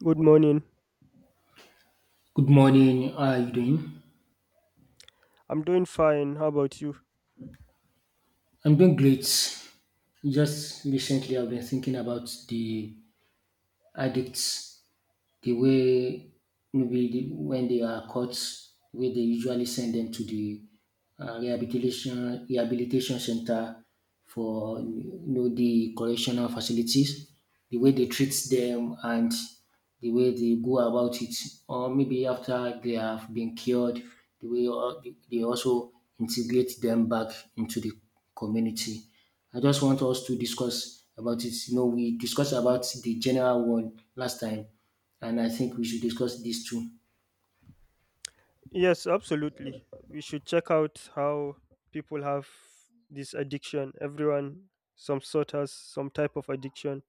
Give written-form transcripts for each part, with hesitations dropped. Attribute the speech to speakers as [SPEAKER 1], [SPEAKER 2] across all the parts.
[SPEAKER 1] Good morning.
[SPEAKER 2] Good morning. How are you doing?
[SPEAKER 1] I'm doing fine. How about you?
[SPEAKER 2] I'm doing great. Just recently, I've been thinking about the addicts, the way, maybe the, when they are caught, the way they usually send them to the rehabilitation center for you know the correctional facilities, the way they treat them and the way they go about it, or maybe after they have been cured, the way they also integrate them back into the community. I just want us to discuss about it. You know, we discussed about the general one last time, and I think we should discuss these two.
[SPEAKER 1] Yes, absolutely. We should check out how people have this addiction. Everyone, some sort has some type of addiction.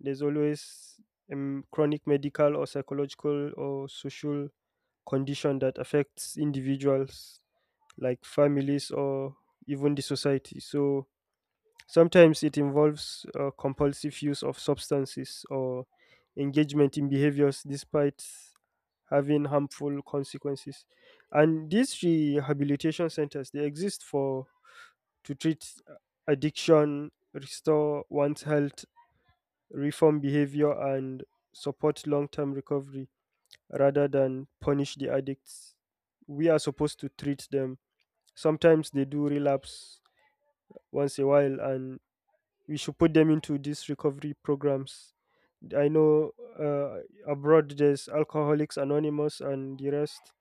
[SPEAKER 1] There's always a chronic medical or psychological or social condition that affects individuals, like families or even the society. Sometimes it involves compulsive use of substances or engagement in behaviors despite having harmful consequences. And these rehabilitation centers they exist for to treat addiction, restore one's health, reform behavior and support long-term recovery rather than punish the addicts. We are supposed to treat them. Sometimes they do relapse once a while and we should put them into these recovery programs. I know uh, abroad there's Alcoholics Anonymous and the rest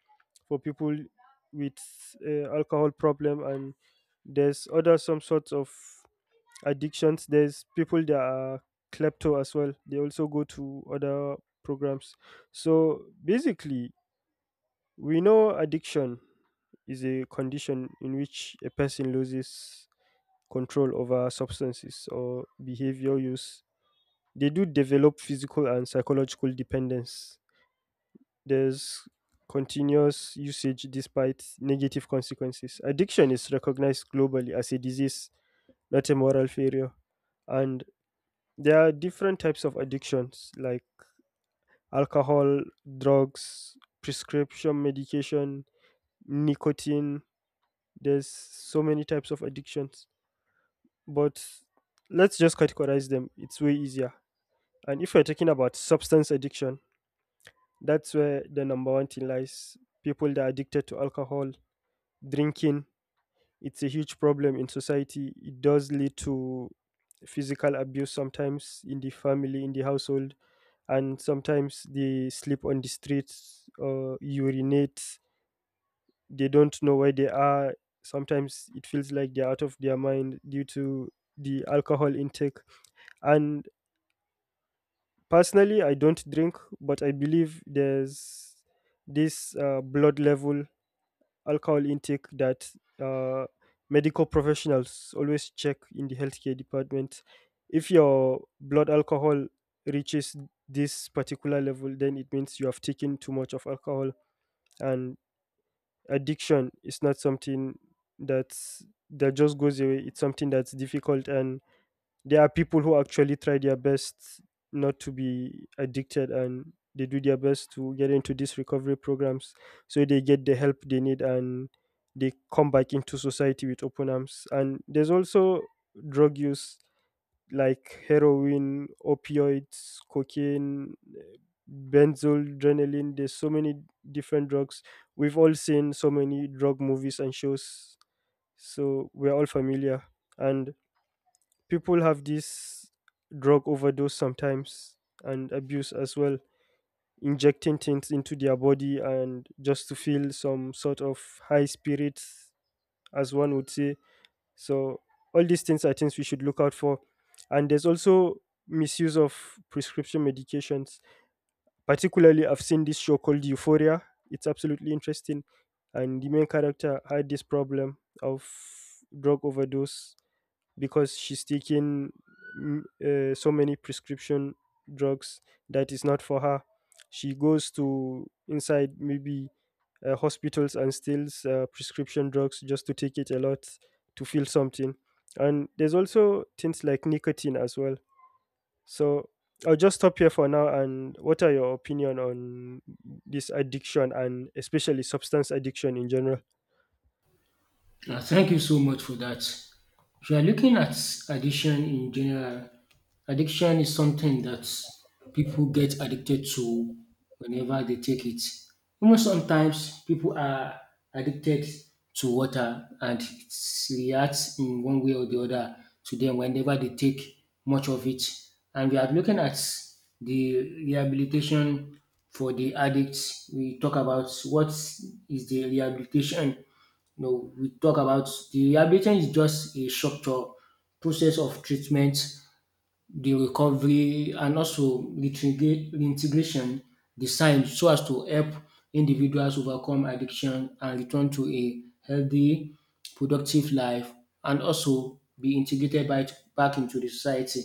[SPEAKER 1] for people with alcohol problem, and there's other some sorts of addictions. There's people that are klepto as well. They also go to other programs. So basically, we know addiction is a condition in which a person loses control over substances or behavior use they do develop physical and psychological dependence. There's continuous usage despite negative consequences. Addiction is recognized globally as a disease, not a moral failure. And there are different types of addictions like alcohol, drugs, prescription medication, nicotine. There's so many types of addictions. But let's just categorize them, it's way easier. And if we're talking about substance addiction, that's where the number one thing lies. People that are addicted to alcohol, drinking, it's a huge problem in society. It does lead to physical abuse sometimes in the family, in the household, and sometimes they sleep on the streets or urinate. They don't know where they are. Sometimes it feels like they're out of their mind due to the alcohol intake. And personally, I don't drink, but I believe there's this blood level alcohol intake that uh, medical professionals always check in the healthcare department. If your blood alcohol reaches this particular level, then it means you have taken too much of alcohol, and addiction is not something that's that just goes away. It's something that's difficult and there are people who actually try their best not to be addicted and they do their best to get into these recovery programs so they get the help they need and they come back into society with open arms. And there's also drug use like heroin, opioids, cocaine, eh, benzodrenalin. There's so many different drugs. We've all seen so many drug movies and shows, so we're all familiar. And people have this drug overdose sometimes and abuse as well, injecting things into their body and just to feel some sort of high spirits, as one would say. So all these things are things we should look out for. And there's also misuse of prescription medications. Particularly, I've seen this show called Euphoria. It's absolutely interesting. And the main character had this problem of drug overdose because she's taking so many prescription drugs that is not for her. She goes to inside maybe hospitals and steals prescription drugs just to take it a lot to feel something. And there's also things like nicotine as well. So I'll just stop here for now. And what are your opinion on this addiction and especially substance addiction in general?
[SPEAKER 2] Thank you so much for that. If you are looking at addiction in general, addiction is something that people get addicted to whenever they take it. Even sometimes people are addicted to water and it reacts in one way or the other to them whenever they take much of it. And we are looking at the rehabilitation for the addicts. We talk about what is the rehabilitation, no, we talk about the rehabilitation is just a structure process of treatment, the recovery and also reintegration, designed so as to help individuals overcome addiction and return to a healthy, productive life and also be integrated back into the society.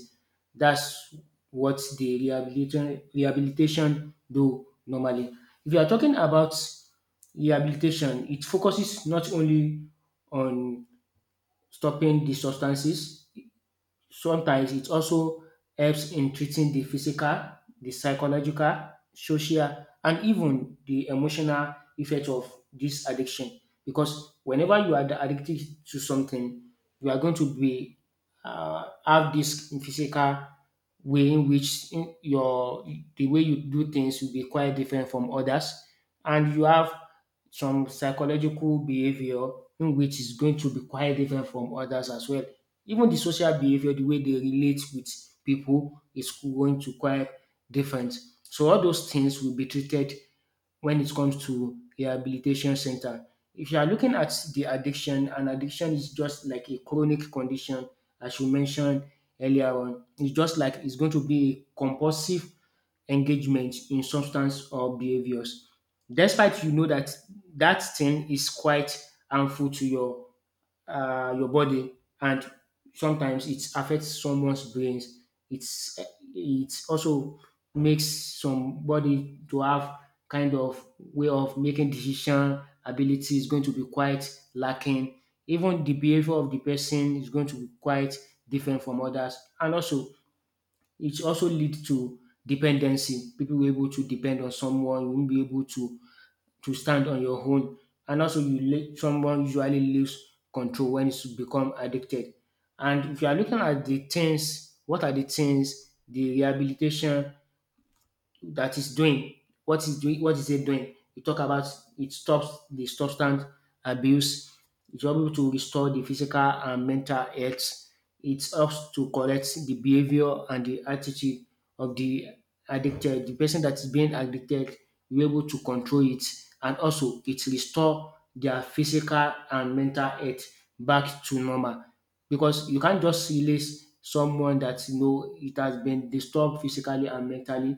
[SPEAKER 2] That's what the rehabilitation, do normally. If you are talking about rehabilitation, it focuses not only on stopping the substances. Sometimes it also helps in treating the physical, the psychological, social, and even the emotional effect of this addiction. Because whenever you are addicted to something, you are going to be have this physical way in which, in your, the way you do things will be quite different from others, and you have some psychological behavior in which is going to be quite different from others as well. Even the social behavior, the way they relate with people, is going to quite different. So all those things will be treated when it comes to rehabilitation center. If you are looking at the addiction, and addiction is just like a chronic condition as you mentioned earlier on. It's just like it's going to be a compulsive engagement in substance or behaviors. Despite you know that that thing is quite harmful to your body, and sometimes it affects someone's brains. It's it also makes somebody to have kind of way of making decision ability is going to be quite lacking. Even the behavior of the person is going to be quite different from others, and also it also lead to dependency. People will be able to depend on someone. You won't be able to stand on your own. And also, you let someone usually leaves control when it's become addicted. And if you are looking at the things, what are the things, the rehabilitation that is doing what is doing what is it doing, we talk about it stops the substance abuse, it's able to restore the physical and mental health, it helps to correct the behavior and the attitude of the addicted the person that is being addicted, you're able to control it, and also it restore their physical and mental health back to normal, because you can't just release someone that you know it has been disturbed physically and mentally,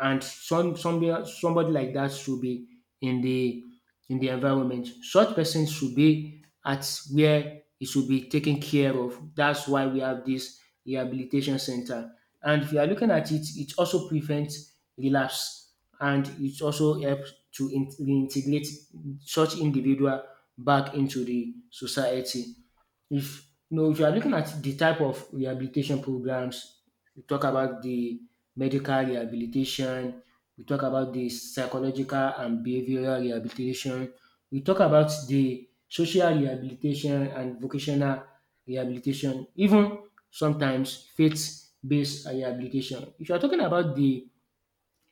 [SPEAKER 2] and somebody like that should be in the environment. Such person should be at where he should be taken care of. That's why we have this rehabilitation center. And if you are looking at it, it also prevents relapse and it also helps to reintegrate such individual back into the society. If you know, if you are looking at the type of rehabilitation programs, we talk about the medical rehabilitation, we talk about the psychological and behavioral rehabilitation, we talk about the social rehabilitation and vocational rehabilitation, even sometimes faith based rehabilitation. If you are talking about the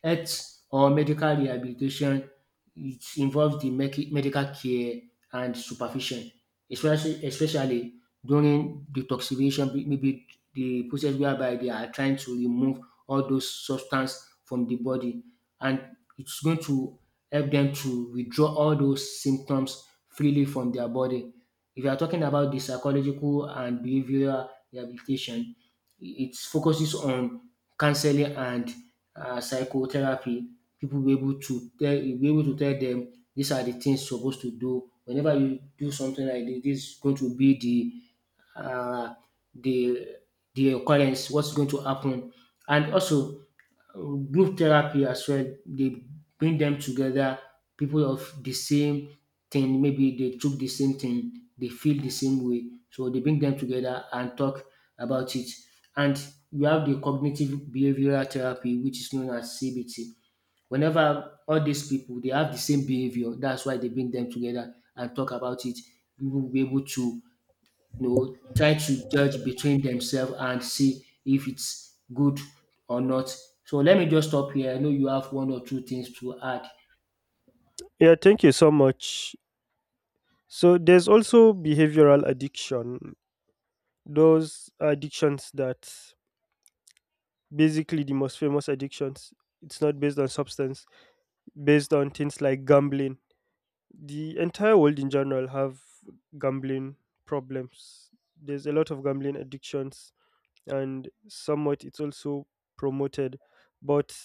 [SPEAKER 2] health or medical rehabilitation, it involves the medical care and supervision, especially during detoxification, maybe the process whereby they are trying to remove all those substance from the body, and it's going to help them to withdraw all those symptoms freely from their body. If you are talking about the psychological and behavioral rehabilitation, it focuses on counseling and psychotherapy. People will be able to tell You'll be able to tell them, these are the things you suppose to do. Whenever you do something like this is going to be the the the occurrence, what's going to happen. And also uh, group therapy as well. They bring them together, people of the same thing, maybe they took the same thing, they feel the same way. So they bring them together and talk about it. And we have the cognitive behavioral therapy, which is known as CBT. Whenever all these people they have the same behavior, that's why they bring them together and talk about it. People will be able to, you know, try to judge between themselves and see if it's good or not. So let me just stop here. I know you have one or two things to add.
[SPEAKER 1] Yeah, thank you so much. So there's also behavioral addiction. Those addictions that basically the most famous addictions, it's not based on substance, based on things like gambling. The entire world in general have gambling problems. There's a lot of gambling addictions and somewhat it's also promoted. But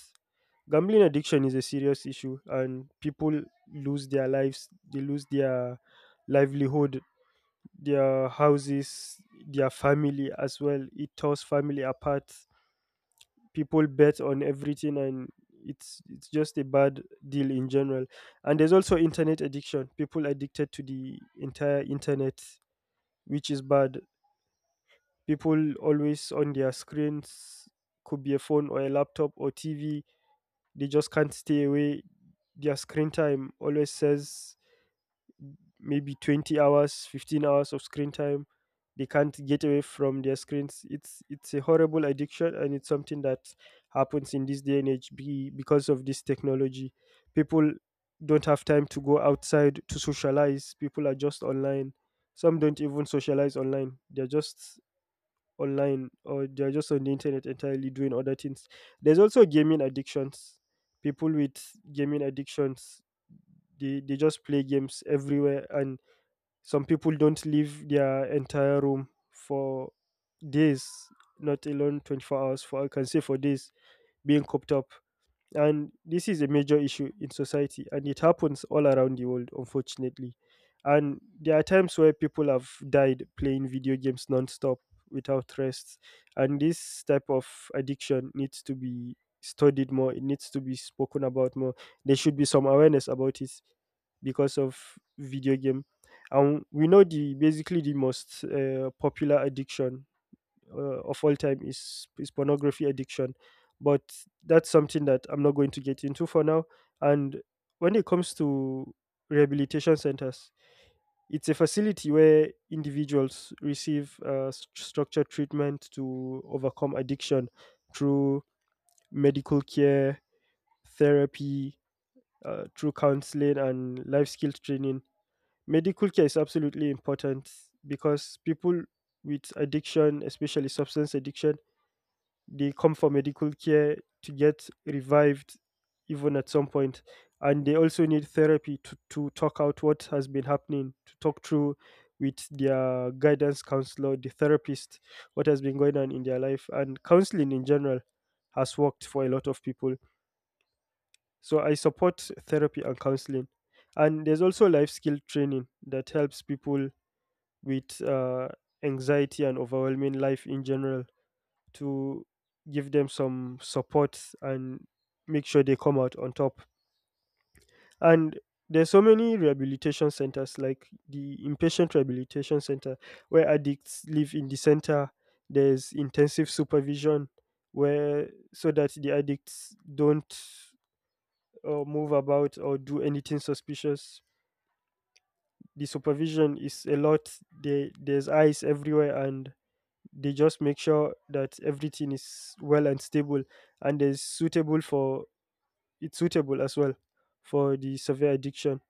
[SPEAKER 1] gambling addiction is a serious issue, and people lose their lives, they lose their livelihood, their houses, their family as well. It tears family apart. People bet on everything, and it's just a bad deal in general. And there's also internet addiction. People addicted to the entire internet, which is bad. People always on their screens, could be a phone or a laptop or TV, they just can't stay away. Their screen time always says maybe 20 hours, 15 hours of screen time. They can't get away from their screens. It's a horrible addiction and it's something that happens in this day and age because of this technology. People don't have time to go outside to socialize. People are just online. Some don't even socialize online, they're just online or they're just on the internet entirely doing other things. There's also gaming addictions. People with gaming addictions, they just play games everywhere, and some people don't leave their entire room for days, not alone 24 hours, for I can say for days, being cooped up. And this is a major issue in society, and it happens all around the world, unfortunately. And there are times where people have died playing video games nonstop without rest. And this type of addiction needs to be studied more, it needs to be spoken about more. There should be some awareness about it because of video game. And we know the basically the most popular addiction of all time is pornography addiction, but that's something that I'm not going to get into for now. And when it comes to rehabilitation centers, it's a facility where individuals receive structured treatment to overcome addiction through medical care, therapy, through counseling and life skills training. Medical care is absolutely important because people with addiction, especially substance addiction, they come for medical care to get revived even at some point. And they also need therapy to talk out what has been happening, to talk through with their guidance counselor, the therapist, what has been going on in their life. And counseling in general has worked for a lot of people, so I support therapy and counseling. And there's also life skill training that helps people with anxiety and overwhelming life in general to give them some support and make sure they come out on top. And there's so many rehabilitation centers like the inpatient rehabilitation center where addicts live in the center. There's intensive supervision where so that the addicts don't move about or do anything suspicious. The supervision is a lot. There's eyes everywhere and they just make sure that everything is well and stable and is suitable for it's suitable as well for the severe addiction.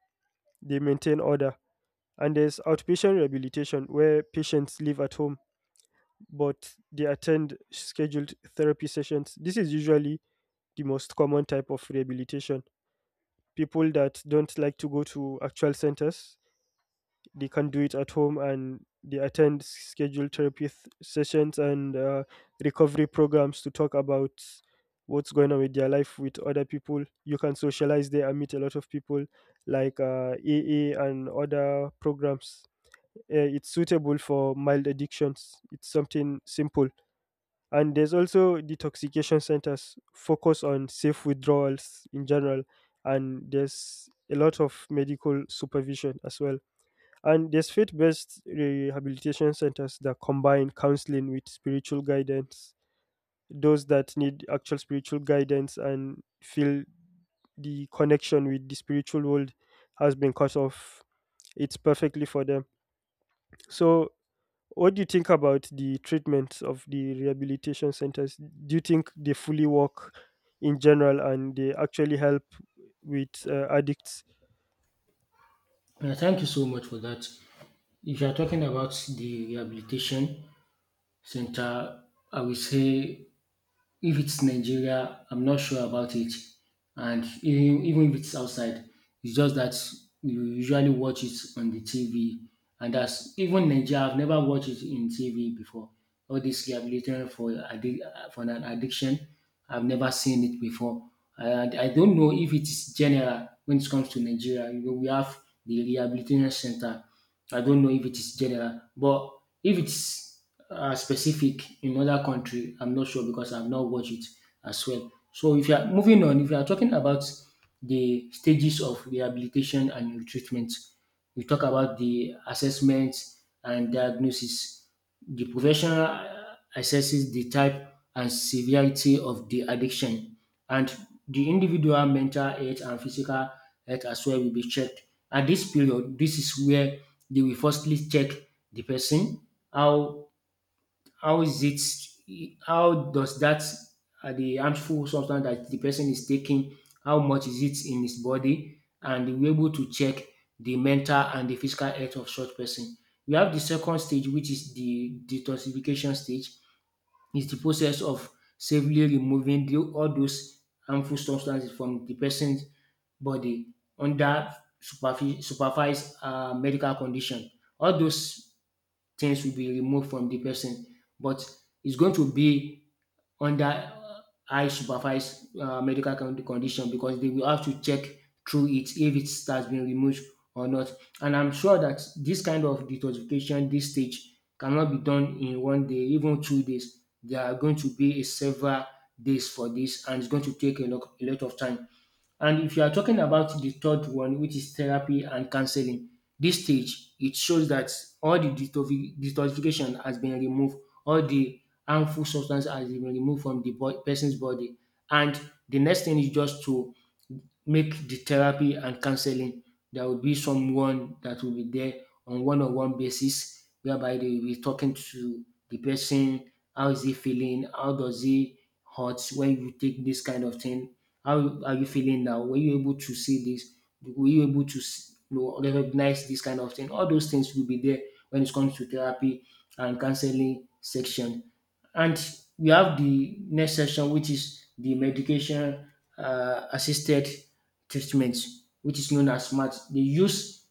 [SPEAKER 1] They maintain order. And there's outpatient rehabilitation where patients live at home but they attend scheduled therapy sessions. This is usually the most common type of rehabilitation. People that don't like to go to actual centers, they can do it at home and they attend sessions and recovery programs to talk about what's going on with their life with other people. You can socialize there and meet a lot of people like AA and other programs. It's suitable for mild addictions, it's something simple. And there's also detoxification centers focus on safe withdrawals in general, and there's a lot of medical supervision as well. And there's faith based rehabilitation centers that combine counseling with spiritual guidance. Those that need actual spiritual guidance and feel the connection with the spiritual world has been cut off, it's perfectly for them. So, what do you think about the treatment of the rehabilitation centers? Do you think they fully work in general and they actually help with addicts?
[SPEAKER 2] Yeah, thank you so much for that. If you are talking about the rehabilitation center, I will say, if it's Nigeria, I'm not sure about it. And even if it's outside, it's just that you usually watch it on the TV. And that's even Nigeria, I've never watched it in TV before. All this rehabilitation for for an addiction, I've never seen it before. And I don't know if it's general when it comes to Nigeria. You know, we have the rehabilitation center. I don't know if it is general, but if it's specific in other country, I'm not sure because I've not watched it as well. So if you are moving on, if you are talking about the stages of rehabilitation and treatment, we talk about the assessment and diagnosis. The professional assesses the type and severity of the addiction, and the individual mental health and physical health as well will be checked. At this period, this is where they will firstly check the person, how how is it how does that the harmful substance that the person is taking, how much is it in his body, and they will be able to check the mental and the physical health of such person. We have the second stage, which is the detoxification stage, is the process of safely removing all those harmful substances from the person's body under supervised medical condition. All those things will be removed from the person. But it's going to be under high supervised medical condition, because they will have to check through it if it has been removed or not. And I'm sure that this kind of detoxification, this stage, cannot be done in one day, even 2 days. There are going to be a several days for this, and it's going to take a lot, of time. And if you are talking about the third one, which is therapy and counseling, this stage it shows that all the detoxification has been removed, all the harmful substance has been removed from the person's body, and the next thing is just to make the therapy and counseling. There will be someone that will be there on one-on-one basis, whereby they will be talking to the person. How is he feeling? How does he hurt when you take this kind of thing? How are you feeling now? Were you able to see this? Were you able to you know, recognize this kind of thing? All those things will be there when it comes to therapy and counseling section. And we have the next section, which is the medication assisted treatment, which is known as SMART.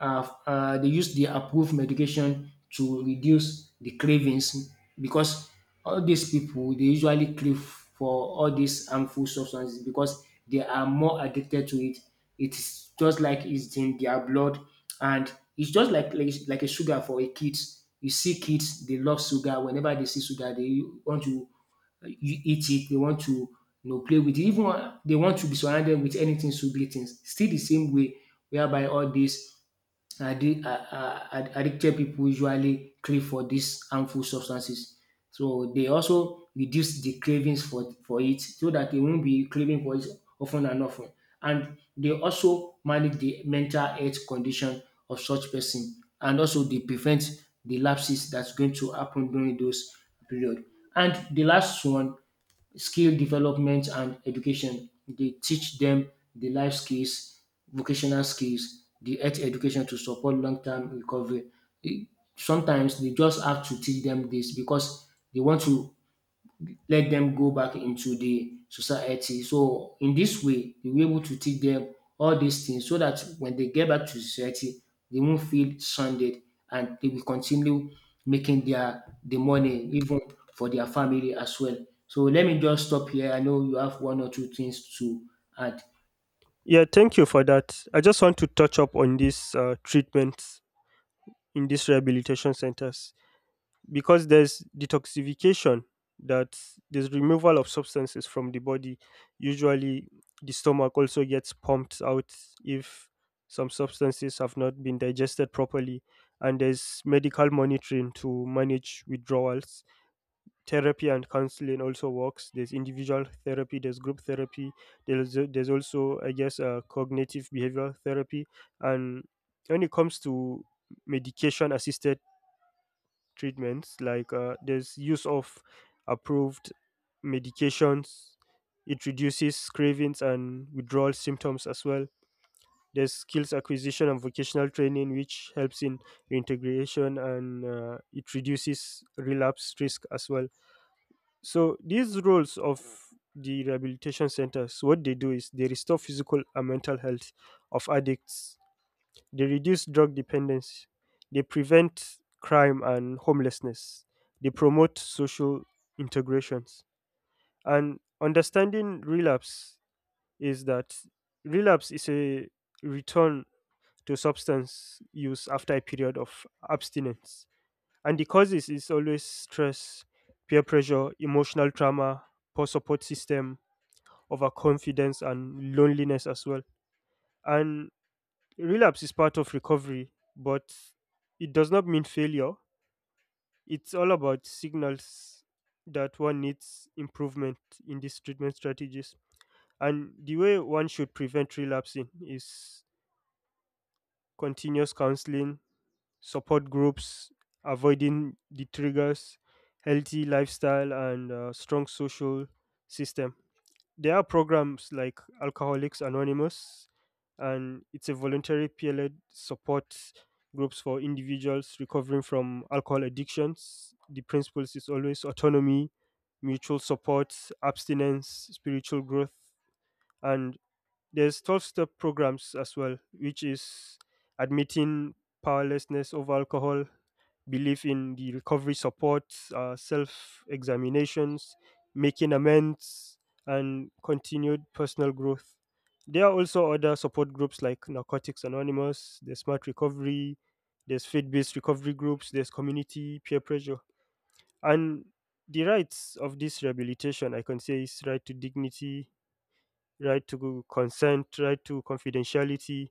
[SPEAKER 2] They use the approved medication to reduce the cravings, because all these people they usually crave for all these harmful substances because they are more addicted to it. It's just like it's in their blood, and it's just like like a sugar for a kids. You see kids, they love sugar. Whenever they see sugar, they want to you eat it. They want to you know play with it. Even they want to be surrounded with anything sugary things. Still the same way whereby all this addicted people usually crave for these harmful substances. So they also reduce the cravings for it so that they won't be craving for it often and often. And they also manage the mental health condition of such person, and also they prevent the lapses that's going to happen during those period. And the last one, skill development and education. They teach them the life skills, vocational skills, the health education to support long-term recovery. E- Sometimes they just have to teach them this because they want to let them go back into the society. So in this way, we were able to teach them all these things so that when they get back to society, they won't feel stranded and they will continue making the money even for their family as well. So let me just stop here. I know you have one or two things to add.
[SPEAKER 1] Yeah, thank you for that. I just want to touch up on these treatments in these rehabilitation centers, because there's detoxification, that there's removal of substances from the body. Usually, the stomach also gets pumped out if some substances have not been digested properly, and there's medical monitoring to manage withdrawals. Therapy and counseling also works. There's individual therapy, there's group therapy, there's also I guess cognitive behavioral therapy. And when it comes to medication assisted treatments, like there's use of approved medications, it reduces cravings and withdrawal symptoms as well. There's skills acquisition and vocational training which helps in reintegration, and it reduces relapse risk as well. So these roles of the rehabilitation centers, what they do is they restore physical and mental health of addicts, they reduce drug dependence, they prevent crime and homelessness, they promote social integrations. And understanding relapse is that relapse is a return to substance use after a period of abstinence, and the causes is always stress, peer pressure, emotional trauma, poor support system, overconfidence, and loneliness as well. And relapse is part of recovery, but it does not mean failure. It's all about signals that one needs improvement in these treatment strategies. And the way one should prevent relapsing is continuous counseling, support groups, avoiding the triggers, healthy lifestyle, and strong social system. There are programs like Alcoholics Anonymous, and it's a voluntary peer-led support groups for individuals recovering from alcohol addictions. The principles is always autonomy, mutual support, abstinence, spiritual growth, and there's 12-step programs as well, which is admitting powerlessness over alcohol, believe in the recovery support, self examinations, making amends, and continued personal growth. There are also other support groups like Narcotics Anonymous, there's Smart Recovery, there's faith based recovery groups, there's community peer pressure. And the rights of this rehabilitation, I can say, is right to dignity, right to consent, right to confidentiality,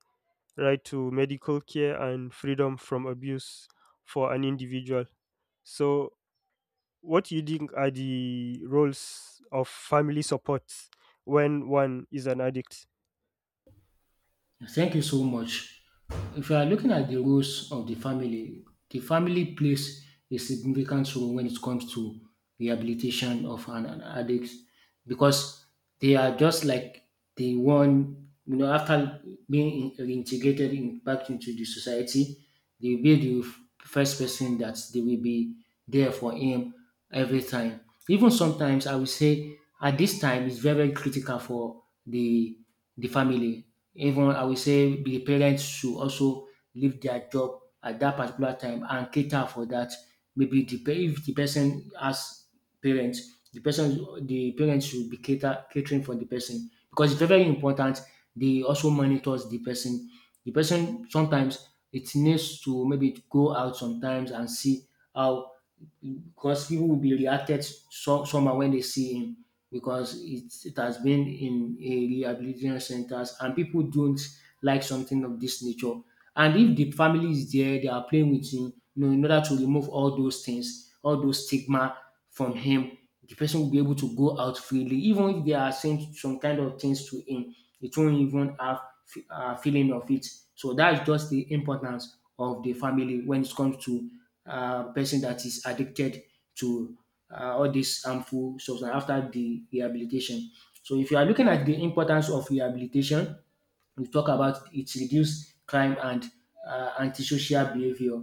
[SPEAKER 1] right to medical care, and freedom from abuse for an individual. So what do you think are the roles of family support when one is an addict?
[SPEAKER 2] Thank you so much. If you are looking at the roles of the family plays a significant role when it comes to rehabilitation of an addict because they are just like the one, you know, after reintegrated in, back into the society, they will be the first person that they will be there for him every time. Even sometimes, I will say at this time it's very very critical for the family. Even I will say the parents should also leave their job at that particular time and cater for that. Maybe if the person has parents, the parents should be catering for the person because it's very very important. They also monitors the person. The person sometimes it needs to maybe go out sometimes and see how because people will be reacted so, somehow when they see him because it has been in a rehabilitation centers and people don't like something of this nature. And if the family is there, they are playing with him, you know, in order to remove all those things, all those stigma from him, the person will be able to go out freely. Even if they are saying some kind of things to him, it won't even have a feeling of it. So that's just the importance of the family when it comes to person that is addicted to all these harmful substance after the rehabilitation. So if you are looking at the importance of rehabilitation, we talk about it reduces crime and antisocial behavior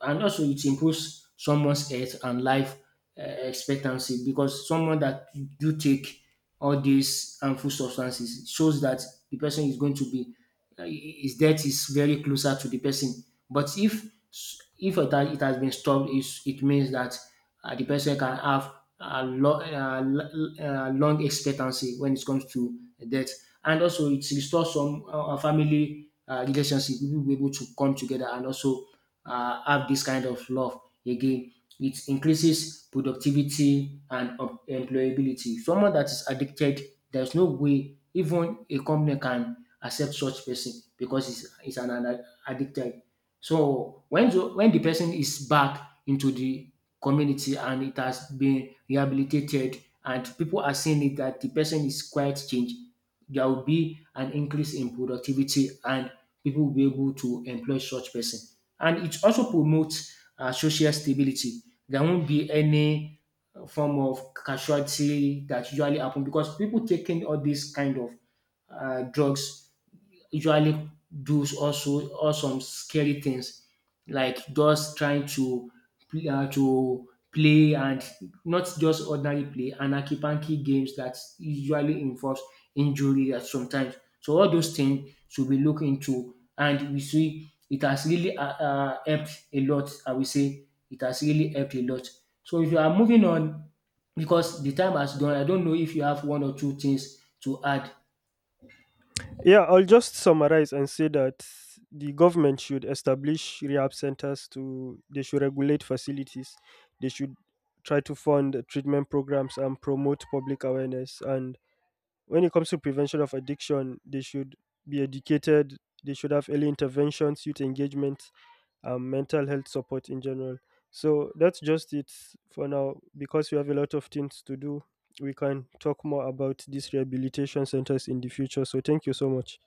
[SPEAKER 2] and also it improves someone's health and life expectancy because someone that do take all these harmful substances shows that the person is going to be his death is very closer to the person but if it has been stopped is it means that the person can have a long expectancy when it comes to death and also it restores some family relationship. People will be able to come together and also have this kind of love again. It increases productivity and employability. Someone that is addicted, there's no way even a company can accept such person because it's an addicted. So when when the person is back into the community and it has been rehabilitated and people are seeing it that the person is quite changed, there will be an increase in productivity and people will be able to employ such person. And it also promotes social stability. There won't be any form of casualty that usually happen because people taking all these kind of drugs usually does also or some scary things like just trying to to play and not just ordinary play and akipanki games that usually involves injury at sometimes. So all those things should be looked into and we see it has really helped a lot. I will say it has really helped a lot. So if you are moving on because the time has gone, I don't know if you have one or two things to add.
[SPEAKER 1] Yeah, I'll just summarize and say that the government should establish rehab centers to they should regulate facilities. They should try to fund treatment programs and promote public awareness. And when it comes to prevention of addiction, they should be educated, they should have early interventions, youth engagement, mental health support in general. So that's just it for now. Because we have a lot of things to do, we can talk more about these rehabilitation centers in the future. So thank you so much.